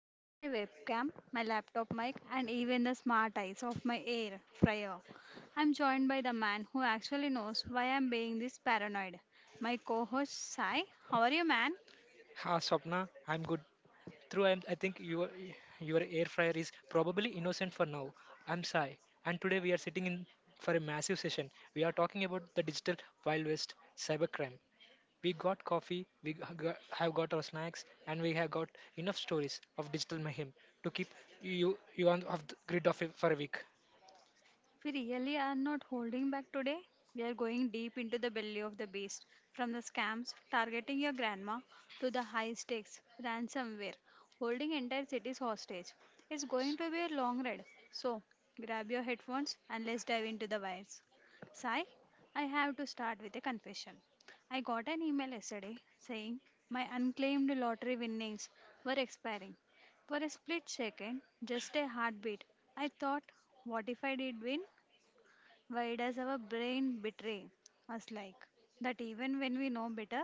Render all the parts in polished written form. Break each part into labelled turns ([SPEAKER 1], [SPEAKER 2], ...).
[SPEAKER 1] over my webcam, my laptop mic, and even the smart eyes of my air fryer. I'm joined by the man who actually knows why I'm being this paranoid, my co host Sai. How are you, man?
[SPEAKER 2] Ha, Swapna, I'm good. I think your air fryer is probably innocent for now. I'm Sai, and today we are sitting in for a massive session. We are talking about the digital wild west, cybercrime. We got coffee, we have got our snacks, and we have got enough stories of digital mayhem to keep you on off the grid of it for a week.
[SPEAKER 1] We really are not holding back today. We are going deep into the belly of the beast, from the scams targeting your grandma to the high stakes ransomware holding entire cities hostage. It's going to be a long ride. So, grab your headphones and let's dive into the wires. Sai, I have to start with a confession. I got an email yesterday saying my unclaimed lottery winnings were expiring. For a split second, just a heartbeat, I thought, what if I did win? Why does our brain betray us like that, even when we know better?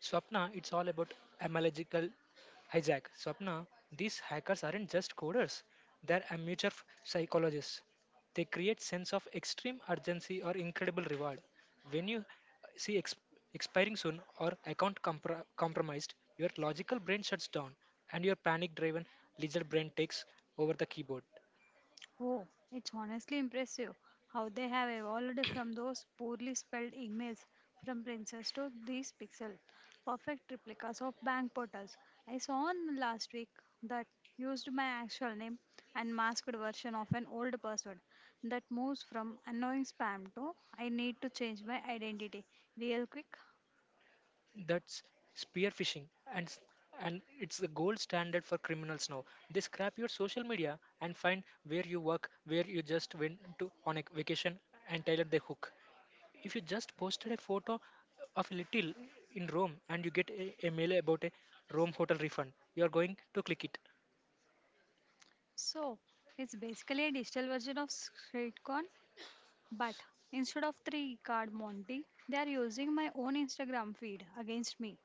[SPEAKER 2] Swapna, it's all about etymological hijack. Swapna, these hackers aren't just coders; they're amateur psychologists. They create sense of extreme urgency or incredible reward. When you see expiring soon or account compromised, your logical brain shuts down, and your panic-driven lizard brain takes over the keyboard.
[SPEAKER 1] Oh, it's honestly impressive how they have evolved from those poorly spelled emails from princess to these pixel perfect replicas of bank portals. I saw one last week that used my actual name and masked version of an old password. That moves from annoying spam to I need to change my identity real quick.
[SPEAKER 2] That's spearfishing, and s- and it's the gold standard for criminals now. They scrap your social media and find where you work, where you just went to on a vacation, and tailor the hook. If you just posted a photo of a little in Rome and you get a mail about a Rome hotel refund, you are going to click it.
[SPEAKER 1] So it's basically a digital version of Streetcon, but instead of three card Monty, they are using my own Instagram feed against me.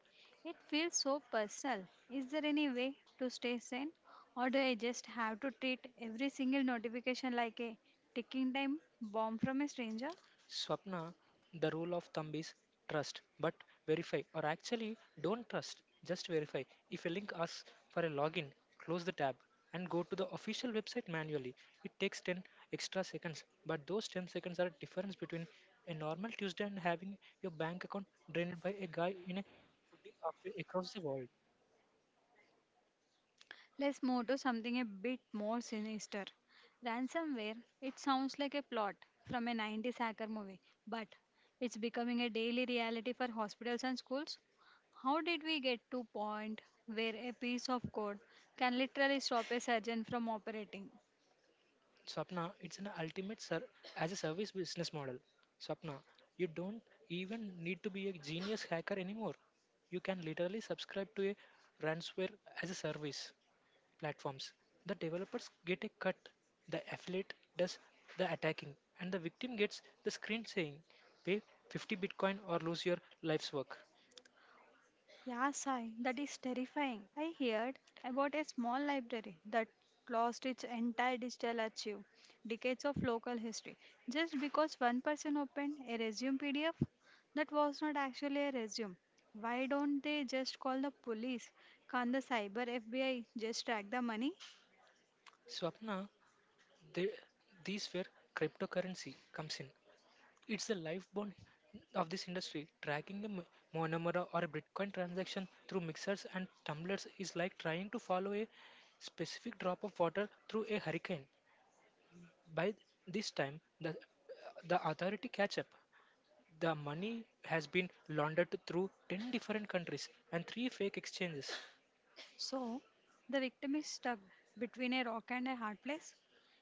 [SPEAKER 1] It feels so personal. Is there any way to stay sane, or do I just have to treat every single notification like a ticking time bomb from a stranger?
[SPEAKER 2] Swapna, the rule of thumb is trust but verify or actually don't trust, just verify. If a link asks for a login, close the tab and go to the official website manually. It takes 10 extra seconds, but those 10 seconds are a difference between a normal Tuesday and having your bank account drained by a guy in a cafe across the world.
[SPEAKER 1] Let's move to something a bit more sinister. Ransomware, it sounds like a plot from a '90s hacker movie, but it's becoming a daily reality for hospitals and schools. How did we get to point where a piece of code can literally stop a surgeon from operating?
[SPEAKER 2] Swapna, it's an ultimate as a service business model. Swapna, you don't even need to be a genius hacker anymore. You can literally subscribe to a ransomware as a service platforms. The developers get a cut, the affiliate does the attacking, and the victim gets the screen saying, pay 50 Bitcoin or lose your life's work.
[SPEAKER 1] Yeah, Sai, that is terrifying. I heard about a small library that lost its entire digital archive, decades of local history, just because one person opened a resume PDF that was not actually a resume. Why don't they just call the police? Can't the cyber FBI just track the money?
[SPEAKER 2] Swapna, they, these where cryptocurrency comes in. It's the lifebone of this industry. Tracking the Monamura or Bitcoin transaction through mixers and tumblers is like trying to follow a specific drop of water through a hurricane. By this time, the authority catch up. The money has been laundered through 10 different countries and three fake exchanges.
[SPEAKER 1] So the victim is stuck between a rock and a hard place.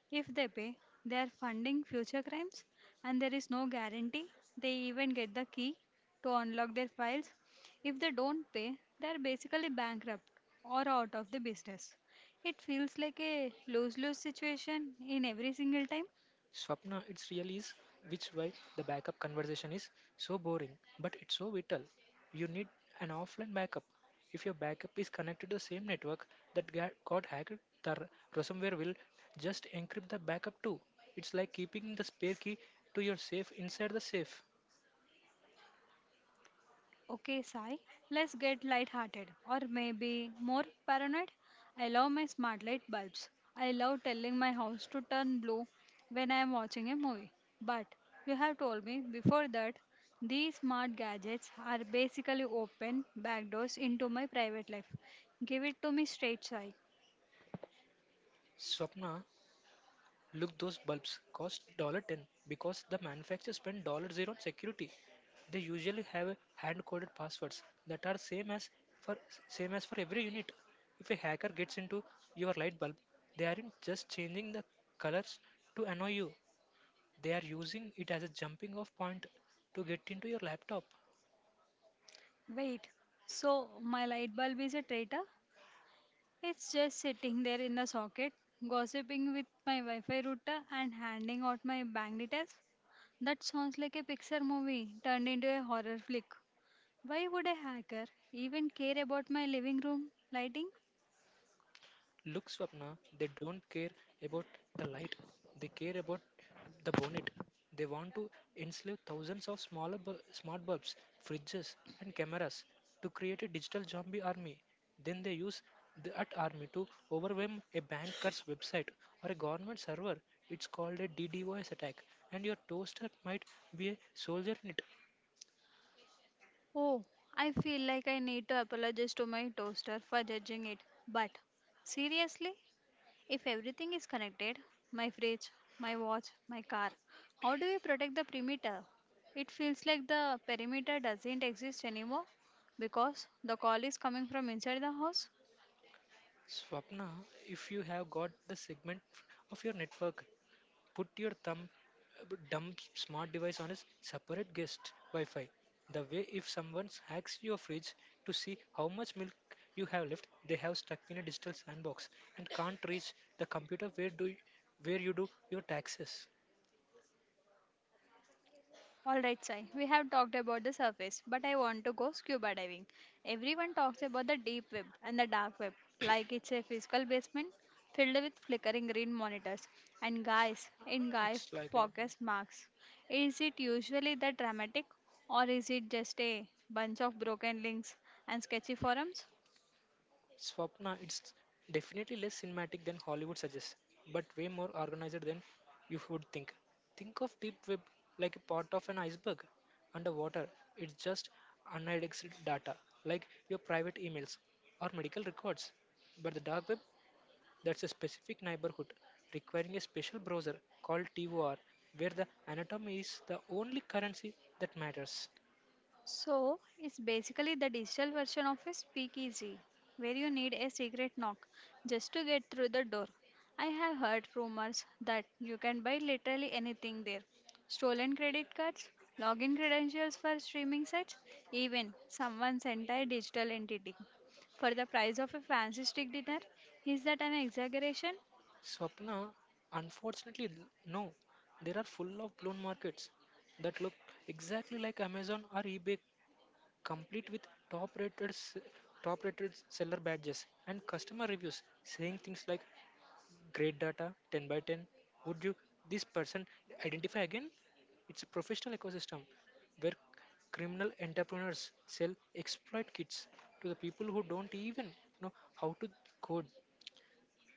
[SPEAKER 1] If they pay, they are funding future crimes, and there is no guarantee they even get the key to unlock their files. If they don't pay, they are basically bankrupt or out of the business. It feels like a lose lose situation in every single time.
[SPEAKER 2] Swapna, it's really is which why the backup conversation is so boring, but it's so vital. You need an offline backup. If your backup is connected to the same network that got hacked, the ransomware will just encrypt the backup too. It's like keeping the spare key to your safe inside the safe.
[SPEAKER 1] Okay, Sai, let's get lighthearted, or maybe more paranoid. I love my smart light bulbs. I love telling my house to turn blue when I am watching a movie. But you have told me before that these smart gadgets are basically open backdoors into my private life. Give it to me straight, Sai.
[SPEAKER 2] Swapna, look, those bulbs cost 10 because the manufacturer spent dollar 0 on security. They usually have hand-coded passwords that are for same as for every unit. If a hacker gets into your light bulb, they aren't just changing the colors to annoy you. They are using it as a jumping off point to get into your laptop.
[SPEAKER 1] Wait, so my light bulb is a traitor? It's just sitting there in the socket, gossiping with my Wi Fi router and handing out my bank details. That sounds like a Pixar movie turned into a horror flick. Why would a hacker even care about my living room lighting?
[SPEAKER 2] Look, Swapna, they don't care about the light. They care about the bonnet. They want to enslave thousands of smart bulbs, fridges, and cameras to create a digital zombie army. Then they use that army to overwhelm a banker's website or a government server. It's called a DDoS attack, and your toaster might be a soldier in it.
[SPEAKER 1] Oh, I feel like I need to apologize to my toaster for judging it. But seriously, if everything is connected, my fridge, my watch, my car, how do we protect the perimeter? It feels like the perimeter doesn't exist anymore because the call is coming from inside the house.
[SPEAKER 2] Swapna, if you have got the segment of your network put your thumb dumb smart device on a separate guest Wi-Fi. The way if someone hacks your fridge to see how much milk you have left, they have stuck in a digital sandbox and can't reach the computer where you do your taxes.
[SPEAKER 1] Alright, Sai, we have talked about the surface, but I want to go scuba diving. Everyone talks about the deep web and the dark web, like it's a physical basement filled with flickering green monitors and guys in guy
[SPEAKER 2] It's like a
[SPEAKER 1] focus marks. Is it usually the dramatic, or is it just a bunch of broken links and sketchy forums?
[SPEAKER 2] Swapna, it's definitely less cinematic than Hollywood suggests, but way more organized than you would think. Think of deep web like a part of an iceberg. Underwater, it's just unindexed data, like your private emails or medical records. But the dark web, that's a specific neighborhood, requiring a special browser called TOR, where the anatomy is the only currency that matters.
[SPEAKER 1] So, it's basically the digital version of a speakeasy, where you need a secret knock just to get through the door. I have heard rumors that you can buy literally anything there, stolen credit cards, login credentials for streaming sites, even someone's entire digital entity. For the price of a fancy steak dinner, is that an exaggeration?
[SPEAKER 2] Swapna, unfortunately, no. There are full of blown markets that look exactly like Amazon or eBay, complete with top rated s- top rated seller badges and customer reviews saying things like great data, 10 by 10. Would you this person identify again? It's a professional ecosystem where criminal entrepreneurs sell exploit kits to the people who don't even know how to code.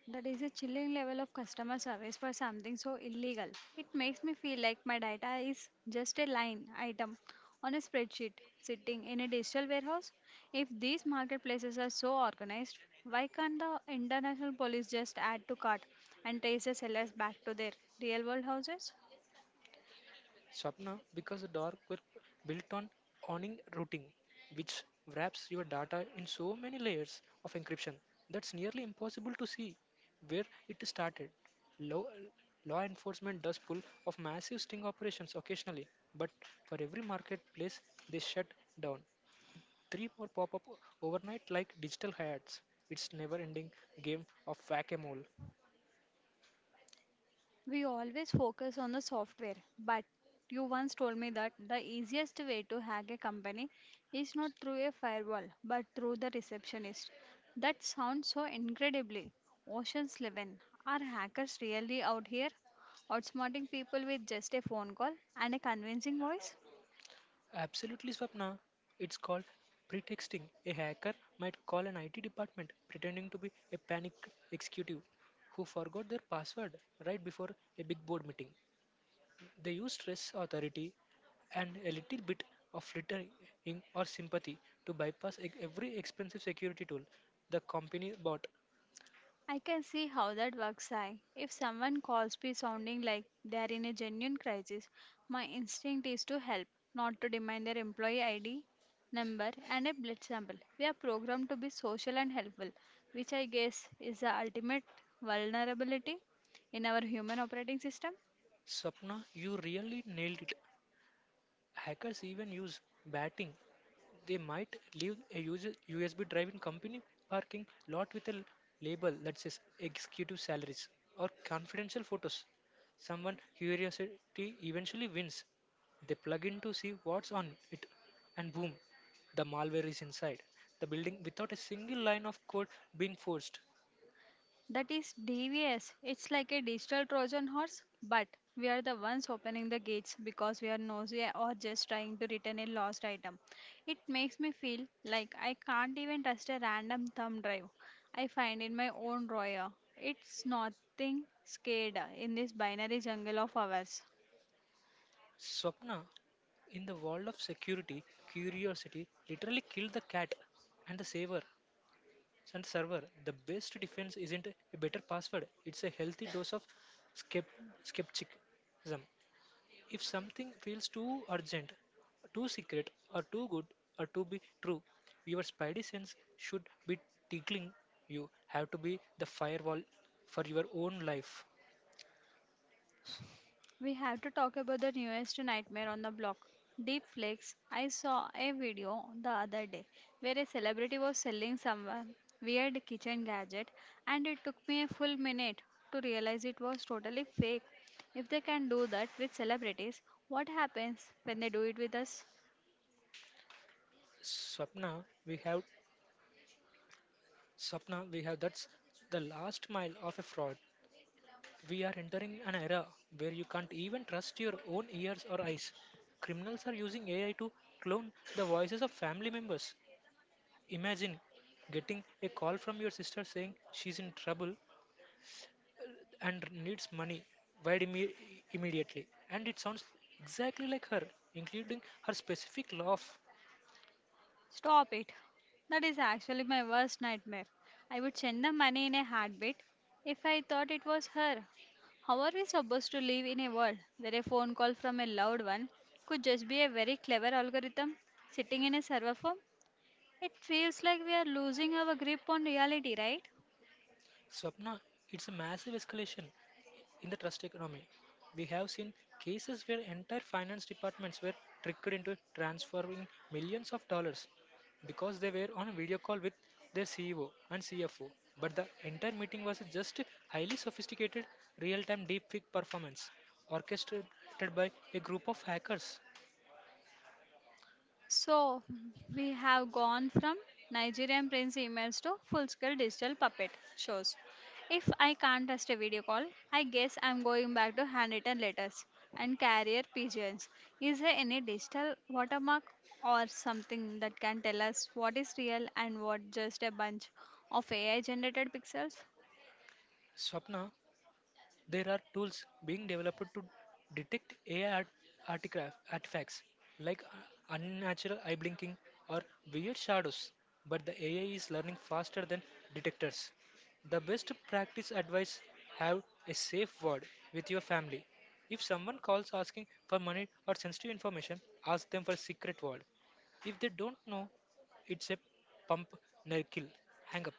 [SPEAKER 1] That is a chilling level of customer service for something so illegal. It makes me feel like my data is just a line item on a spreadsheet sitting in a digital warehouse. If these marketplaces are so organized, why can't the international police just add to cart and trace the sellers back to their real world houses?
[SPEAKER 2] Swapna, because the dark web built on owning routing, which wraps your data in so many layers of encryption that's nearly impossible to see where it started. Law, law enforcement does pull off massive sting operations occasionally, but for every marketplace, they shut down three more pop up overnight like digital hats. It's never ending game of whack a mole.
[SPEAKER 1] We always focus on the software, but you once told me that the easiest way to hack a company is not through a firewall but through the receptionist. That sounds so incredibly Ocean's 11. Are hackers really out here outsmarting people with just a phone call and a convincing voice?
[SPEAKER 2] Absolutely, Swapna. It's called pretexting. A hacker might call an IT department pretending to be a panic executive who forgot their password right before a big board meeting. They use stress authority and a little bit of flittering or sympathy to bypass every expensive security tool the company bought.
[SPEAKER 1] I can see how that works. If someone calls me sounding like they're in a genuine crisis, my instinct is to help, not to demand their employee ID number and a blood sample. We are programmed to be social and helpful, which I guess is the ultimate vulnerability in our human operating system.
[SPEAKER 2] Sapna, you really nailed it. Hackers even use batting. They might leave a USB drive in company parking lot with a label that says executive salaries or confidential photos. Someone curiosity eventually wins. They plug in to see what's on it, and boom, the malware is inside the building without a single line of code being forced.
[SPEAKER 1] That is DVS. It's like a digital Trojan horse, but we are the ones opening the gates because we are nosy or just trying to return a lost item. It makes me feel like I can't even trust a random thumb drive I find in my own drawer. It's nothing scared in this binary jungle of ours.
[SPEAKER 2] Swapna, in the world of security, curiosity literally killed the cat and the saver and the server. The best defense isn't a better password, it's a healthy dose of skept- skepticism. If something feels too urgent, too secret, or too good, or to be true, your spidey sense should be tickling. You have to be the firewall for your own life.
[SPEAKER 1] We have to talk about the newest nightmare on the block. Deepflix. I saw a video the other day where a celebrity was selling some weird kitchen gadget and it took me a full minute to realize it was totally fake. If they can do that with celebrities, what happens when they do it with us?
[SPEAKER 2] Swapna, we have Swapna, we have that's the last mile of a fraud. We are entering an era where you can't even trust your own ears or eyes. Criminals are using AI to clone the voices of family members. Imagine getting a call from your sister saying she's in trouble and needs money wired immediately. And it sounds exactly like her, including her specific laugh.
[SPEAKER 1] Stop it. That is actually my worst nightmare. I would send the money in a heartbeat if I thought it was her. How are we supposed to live in a world where a phone call from a loved one could just be a very clever algorithm sitting in a server farm? It feels like we are losing our grip on reality, right?
[SPEAKER 2] Swapna, it's a massive escalation in the trust economy. We have seen cases where entire finance departments were tricked into transferring millions of dollars because they were on a video call with their CEO and CFO. But the entire meeting was just highly sophisticated real time deepfake performance orchestrated by a group of hackers.
[SPEAKER 1] So, we have gone from Nigerian Prince emails to full scale digital puppet shows. If I can't trust a video call, I guess I'm going back to handwritten letters and carrier pigeons. Is there any digital watermark or something that can tell us what is real and what just a bunch of AI generated pixels?
[SPEAKER 2] Swapna, there are tools being developed to detect AI artifacts like unnatural eye blinking or weird shadows, but the AI is learning faster than detectors. The best practice advice have a safe word with your family. If someone calls asking for money or sensitive information, ask them for a secret word. If they don't know, it's a pump, nail, kill, hang up.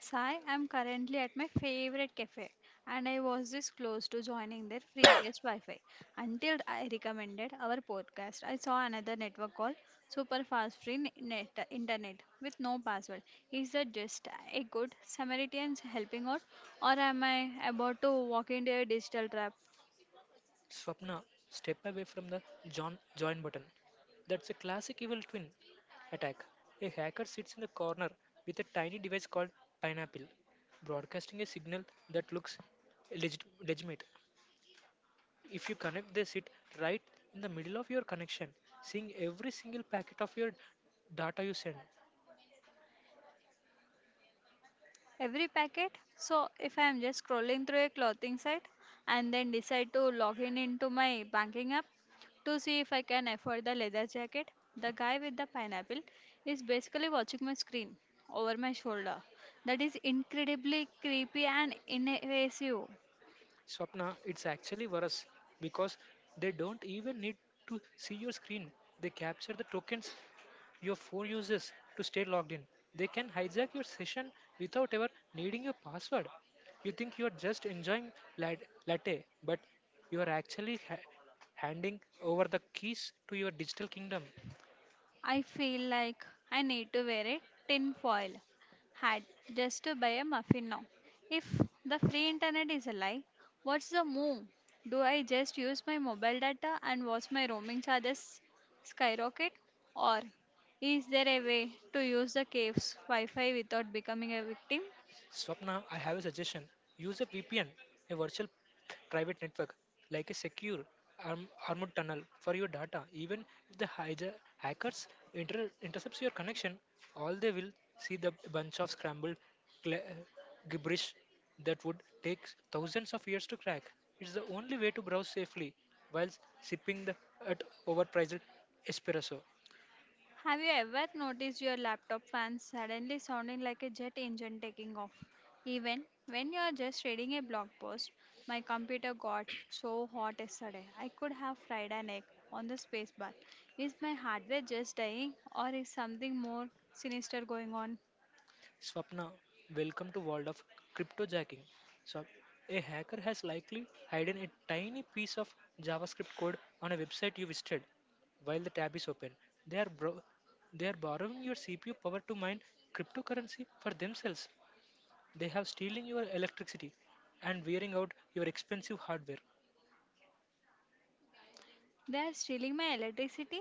[SPEAKER 1] Sai, I'm currently at my favorite cafe and I was this close to joining their free guest Wi Fi until I recommended our podcast. I saw another network called Super Fast Free Net Internet with no password. Is that just a good Samaritan's helping out, or am I about to walk into a digital trap?
[SPEAKER 2] Swapna, step away from the John join button. That's a classic evil twin attack. A hacker sits in the corner with a tiny device called pineapple, broadcasting a signal that looks legitimate. If you connect they sit right in the middle of your connection, seeing every single packet of your data you send.
[SPEAKER 1] Every packet. So if I am just scrolling through a clothing site and then decide to log in into my banking app to see if I can afford the leather jacket, the guy with the pineapple is basically watching my screen over my shoulder. That is incredibly creepy and invasive.
[SPEAKER 2] Swapna, it's actually worse because they don't even need to see your screen. They capture the tokens your phone uses to stay logged in. They can hijack your session without ever needing your password. You think you are just enjoying latte, but you are actually handing over the keys to your digital kingdom.
[SPEAKER 1] I feel like I need to wear a tin foil hat just to buy a muffin now. If the free internet is a lie, what's the move? Do I just use my mobile data and watch my roaming charges skyrocket? Or is there a way to use the cave's Wi Fi without becoming a victim?
[SPEAKER 2] Swapna, I have a suggestion. Use a VPN, a virtual private network, like a secure armored tunnel for your data. Even if the hijack hackers intercepts your connection, all they will see the bunch of scrambled cla- gibberish that would take thousands of years to crack. It's the only way to browse safely while sipping the at overpriced espresso.
[SPEAKER 1] Have you ever noticed your laptop fan suddenly sounding like a jet engine taking off? Even when you are just reading a blog post, my computer got so hot yesterday I could have fried an egg on the spacebar. Is my hardware just dying, or is something more sinister going on?
[SPEAKER 2] Swapna, welcome to world of cryptojacking. So, a hacker has likely hidden a tiny piece of JavaScript code on a website you visited while the tab is open. They are bro- they are borrowing your CPU power to mine cryptocurrency for themselves. They have stealing your electricity and wearing out your expensive hardware.
[SPEAKER 1] They are stealing my electricity?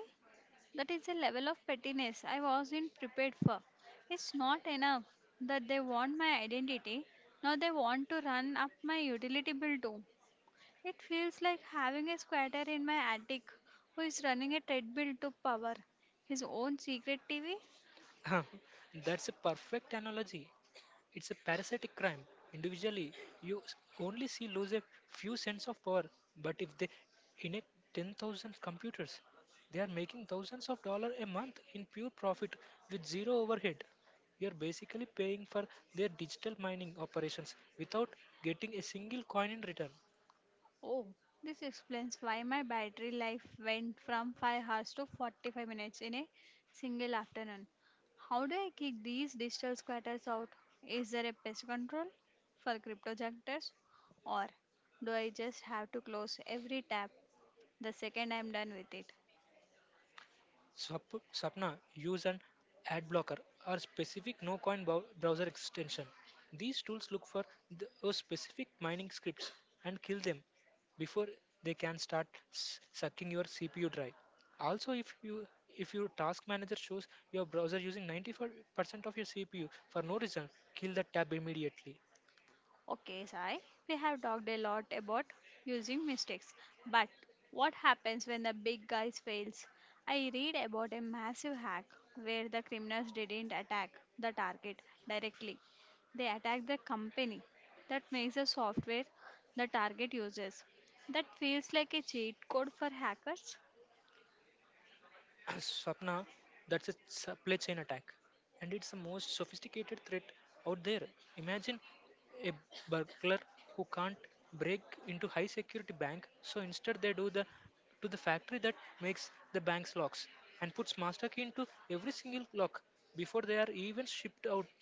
[SPEAKER 1] That is a level of pettiness I wasn't prepared for. It's not enough that they want my identity, now they want to run up my utility bill too. It feels like having a squatter in my attic who is running a treadmill to power his own secret TV.
[SPEAKER 2] That's a perfect analogy. It's a parasitic crime. Individually, you only see lose a few cents of power, but if they in 10,000 computers, they are making thousands of dollars a month in pure profit with zero overhead. You are basically paying for their digital mining operations without getting a single coin in return.
[SPEAKER 1] Oh, this explains why my battery life went from 5 hours to 45 minutes in a single afternoon. How do I kick these digital squatters out? Is there a pest control for cryptojunkers? Or do I just have to close every tab the second I'm done with it?
[SPEAKER 2] Swapna use an ad blocker or specific no coin browser extension. These tools look for those specific mining scripts and kill them before they can start sucking your CPU drive. Also, if your task manager shows your browser using 95% of your CPU for no reason, kill that tab immediately.
[SPEAKER 1] Okay, Sai, we have talked a lot about using mistakes, but what happens when the big guys fails? I read about a massive hack where the criminals didn't attack the target directly, they attacked the company that makes the software the target uses. That feels like a cheat code for hackers.
[SPEAKER 2] Swapna, that's a supply chain attack, and it's the most sophisticated threat out there. Imagine a burglar who can't break into high security bank, so instead they do the to the factory that makes the bank's locks and puts master key into every single lock before they are even shipped out.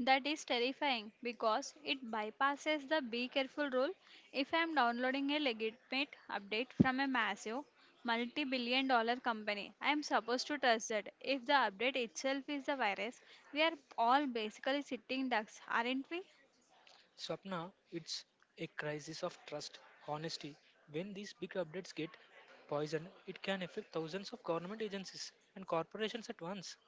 [SPEAKER 1] That is terrifying because it bypasses the be careful rule. If I am downloading a legitimate update from a massive multi billion dollar company, I am supposed to trust that. If the update itself is the virus, we are all basically sitting ducks, aren't we?
[SPEAKER 2] Swapna, it's a crisis of trust, honesty. When these big updates get poisoned, it can affect thousands of government agencies and corporations at once.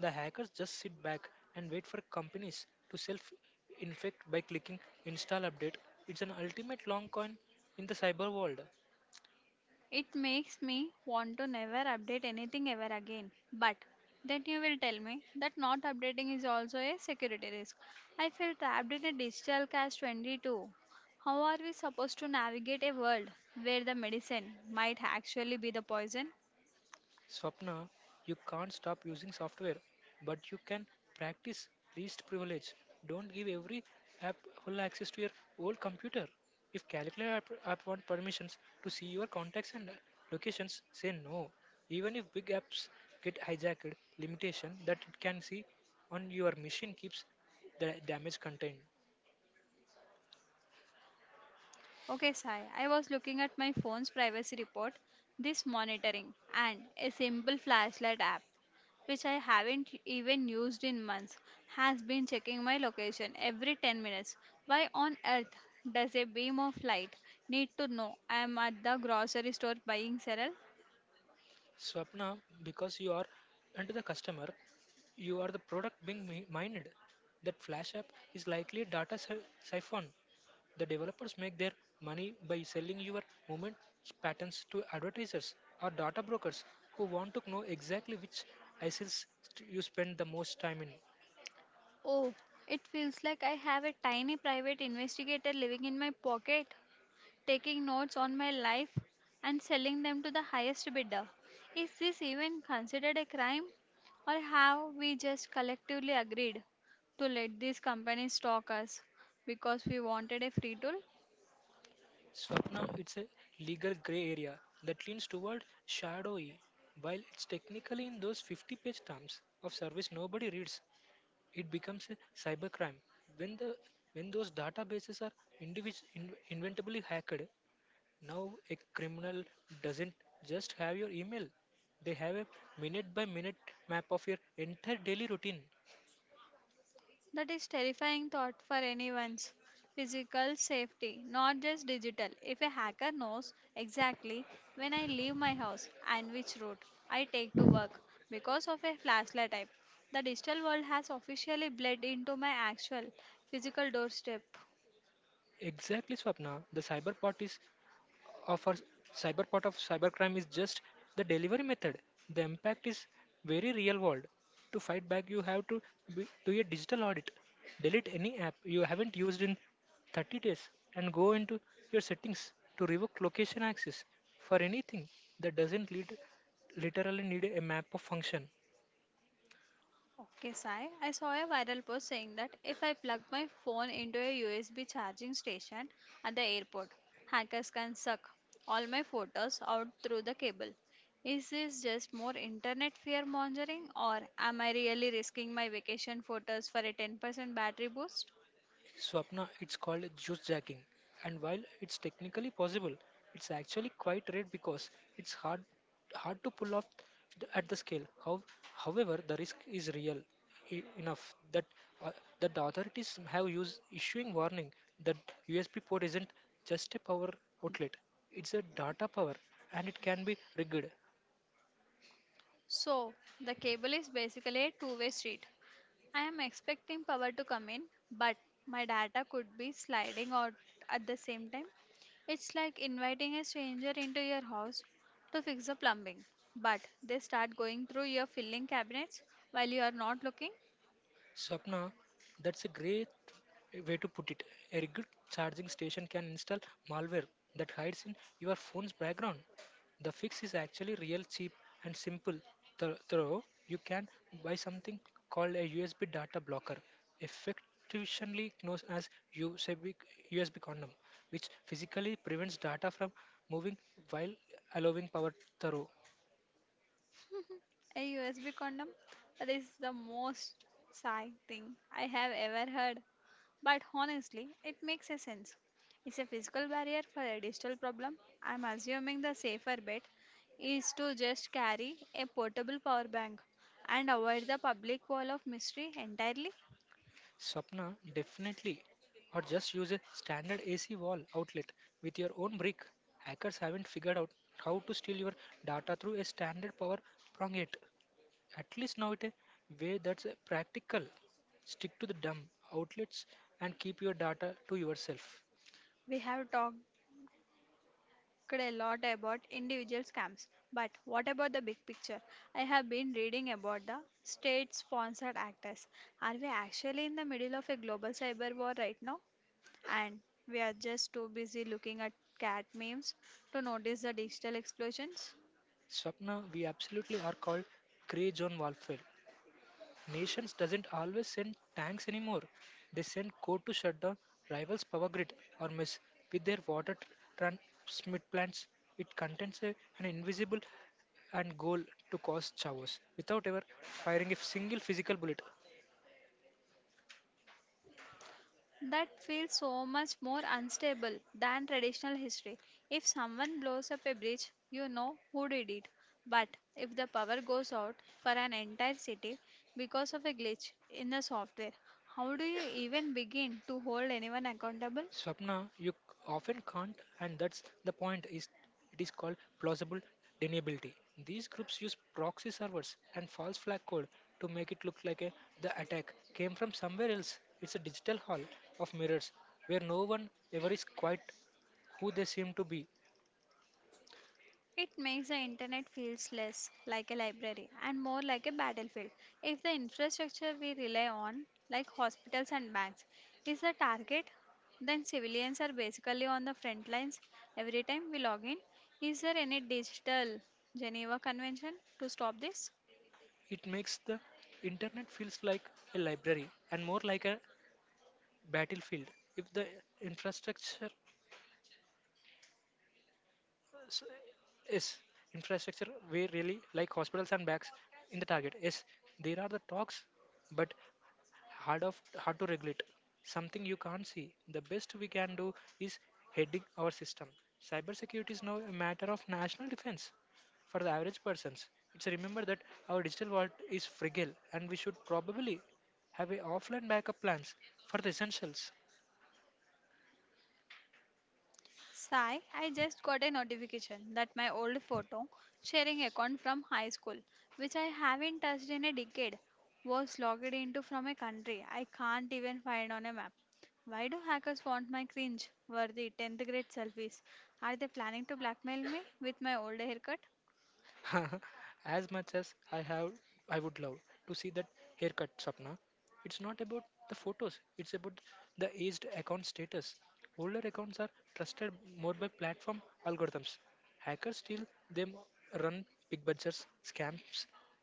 [SPEAKER 2] The hackers just sit back and wait for companies to self infect by clicking install update. It's an ultimate long con in the cyber world.
[SPEAKER 1] It makes me want to never update anything ever again. But then you will tell me that not updating is also a security risk. I feel trapped in a digital cash 22. How are we supposed to navigate a world where the medicine might actually be the poison?
[SPEAKER 2] Swapna, you can't stop using software, but you can practice least privilege. Don't give every app full access to your old computer. If calculator app, want permissions to see your contacts and locations, say no. Even if big apps get hijacked, limitation that it can see on your machine keeps the damage contained.
[SPEAKER 1] Okay, Sai, I was looking at my phone's privacy report, this monitoring, and a simple flashlight app, which I haven't even used in months, has been checking my location every 10 minutes. Why on earth does a beam of light need to know I am at the grocery store buying cereal?
[SPEAKER 2] Swapna, because you are into the customer, you are the product being mined. That flash app is likely a siphon. The developers make their money by selling your movement patterns to advertisers or data brokers who want to know exactly which ISILs you spend the most time in.
[SPEAKER 1] Oh, it feels like I have a tiny private investigator living in my pocket, taking notes on my life and selling them to the highest bidder. Is this even considered a crime? Or have we just collectively agreed to let these companies stalk us because we wanted a free tool?
[SPEAKER 2] Swapna, it's a legal gray area that leans toward shadowy. While it's technically in those 50-page terms of service nobody reads, it becomes a cybercrime when the when those databases are inventably hacked. Now a criminal doesn't just have your email, they have a minute by minute map of your entire daily routine.
[SPEAKER 1] That is terrifying thought for anyone's physical safety, not just digital. If a hacker knows exactly when I leave my house and which route I take to work because of a flashlight type, the digital world has officially bled into my actual physical doorstep.
[SPEAKER 2] Exactly, Swapna, the cyber part is of our of cybercrime is just the delivery method. The impact is very real world. To fight back, you have to do a digital audit, delete any app you haven't used in 30 days, and go into your settings to revoke location access for anything that doesn't lead, literally need a map of function.
[SPEAKER 1] Okay, Sai. I saw a viral post saying that if I plug my phone into a USB charging station at the airport, hackers can suck all my photos out through the cable. Is this just more internet fear mongering, or am I really risking my vacation photos for a 10% battery boost?
[SPEAKER 2] Swapna, it's called juice jacking. And while it's technically possible, it's actually quite rare because it's hard to pull off at the scale. However, the risk is real enough that uh, that the authorities have used issuing warning that USB port isn't just a power outlet; it's a data power, and it can be rigged.
[SPEAKER 1] So, the cable is basically a two-way street. I am expecting power to come in, but my data could be sliding out at the same time. It's like inviting a stranger into your house to fix the plumbing, but they start going through your filling cabinets while you are not looking.
[SPEAKER 2] Swapna, that's a great way to put it. A rugged charging station can install malware that hides in your phone's background. The fix is actually real cheap and simple. Though you can buy something called a USB data blocker, effectively known as USB, USB condom, which physically prevents data from moving while allowing power through.
[SPEAKER 1] A USB condom? That is the most sigh thing I have ever heard. But honestly, it makes a sense. It's a physical barrier for a digital problem. I'm assuming the safer bet is to just carry a portable power bank and avoid the public wall of mystery entirely.
[SPEAKER 2] Swapna, definitely. Or just use a standard AC wall outlet with your own brick. Hackers haven't figured out how to steal your data through a standard power prong yet. At least now it a way that's practical. Stick to the dumb outlets and keep your data to yourself.
[SPEAKER 1] We have talked a lot about individual scams, but what about the big picture? I have been reading about the state sponsored actors. Are we actually in the middle of a global cyber war right now? And we are just too busy looking at cat memes to notice the digital explosions?
[SPEAKER 2] Swapna, we absolutely are called gray zone warfare. Nations doesn't always send tanks anymore. They send code to shut down rivals' power grid or mess with their transmit plants. It contains an invisible and goal to cause chaos without ever firing a single physical bullet.
[SPEAKER 1] That feels so much more unstable than traditional history. If someone blows up a bridge, you know who did it. But if the power goes out for an entire city because of a glitch in the software, how do you even begin to hold anyone accountable?
[SPEAKER 2] Swapna, you often can't, and that's the point. Is it is called plausible deniability. These groups use proxy servers and false flag code to make it look like the attack came from somewhere else. It's a digital hall of mirrors where no one ever is quite who they seem to be.
[SPEAKER 1] It makes the internet feels less like a library and more like a battlefield. If the infrastructure we rely on, like hospitals and banks, is the target, then civilians are basically on the front lines every time we log in. Is there any digital Geneva Convention to stop this?
[SPEAKER 2] It makes the internet feels like a library and more like a battlefield. If the infrastructure s- is infrastructure we really like hospitals and banks in the target is, there are the talks but hard to regulate something you can't see. The best we can do is heading our system. Cybersecurity is now a matter of national defense. For the average persons, it's remember that our digital world is fragile and we should probably have a offline backup plans for the essentials.
[SPEAKER 1] Sai, I just got a notification that my old photo sharing account from high school, which I haven't touched in a decade, was logged into from a country I can't even find on a map. Why do hackers want my cringe worthy 10th grade selfies? Are they planning to blackmail me with my old haircut?
[SPEAKER 2] As much as I have, I would love to see that haircut, Sapna. It's not about the photos. It's about the aged account status. Older accounts are trusted more by platform algorithms. Hackers steal them, run big budgets, scams,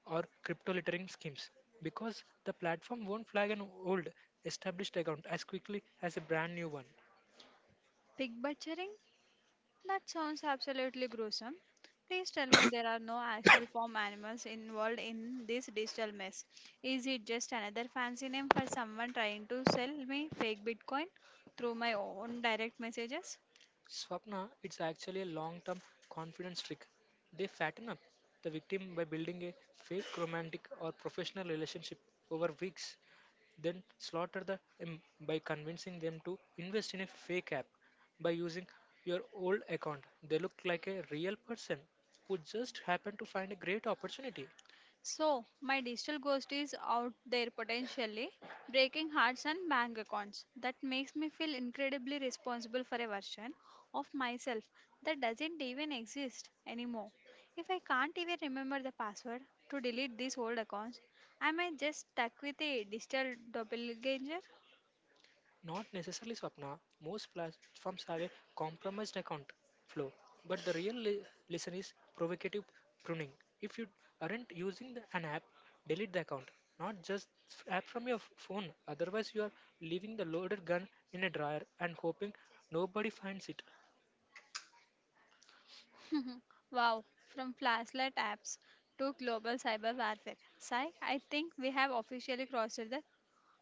[SPEAKER 2] or crypto littering schemes because the platform won't flag an old established account as quickly as a brand new one.
[SPEAKER 1] Pig butchering? That sounds absolutely gruesome. Please tell me there are no actual farm animals involved in this digital mess. Is it just another fancy name for someone trying to sell me fake Bitcoin through my own direct messages?
[SPEAKER 2] Swapna, it's actually a long term confidence trick. They fatten up the victim by building a fake romantic or professional relationship over weeks, then slaughter the em by convincing them to invest in a fake app by using your old account. They look like a real person who just happened to find a great opportunity.
[SPEAKER 1] So, my digital ghost is out there potentially breaking hearts and bank accounts. That makes me feel incredibly responsible for a version of myself that doesn't even exist anymore. If I can't even remember the password to delete these old accounts, am I just stuck with a digital doppelganger?
[SPEAKER 2] Not necessarily Swapna, most platforms have a compromised account flow, but the real lesson is provocative pruning. If you aren't using an app, delete the account, not just app from your phone. Otherwise, you are leaving the loaded gun in a dryer and hoping nobody finds it.
[SPEAKER 1] Wow, from flashlight apps to global cyber warfare. Sai, I think we have officially crossed the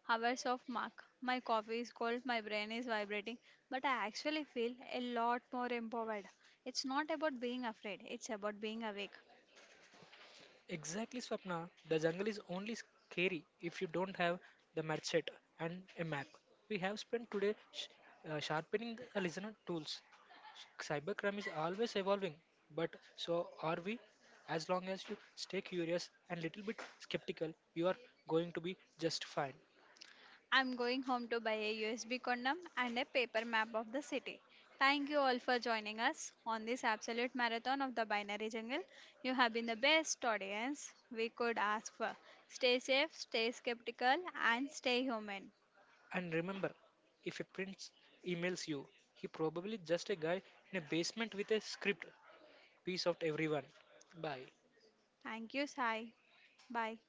[SPEAKER 1] hours of mark. My coffee is cold, my brain is vibrating, but I actually feel a lot more empowered. It's not about being afraid, it's about being awake.
[SPEAKER 2] Exactly, Swapna. The jungle is only scary if you don't have the machete and a map. We have spent today sharpening the listener tools. Cybercrime is always evolving, but so are we. As long as you stay curious and little bit skeptical, you are going to be just fine.
[SPEAKER 1] I'm going home to buy a USB condom and a paper map of the city. Thank you all for joining us on this absolute marathon of the binary jungle. You have been the best audience we could ask for. Stay safe, stay skeptical, and stay human.
[SPEAKER 2] And remember, if a prince emails you, he probably just a guy in a basement with a script. Peace out, everyone. Bye.
[SPEAKER 1] Thank you, Sai. Bye.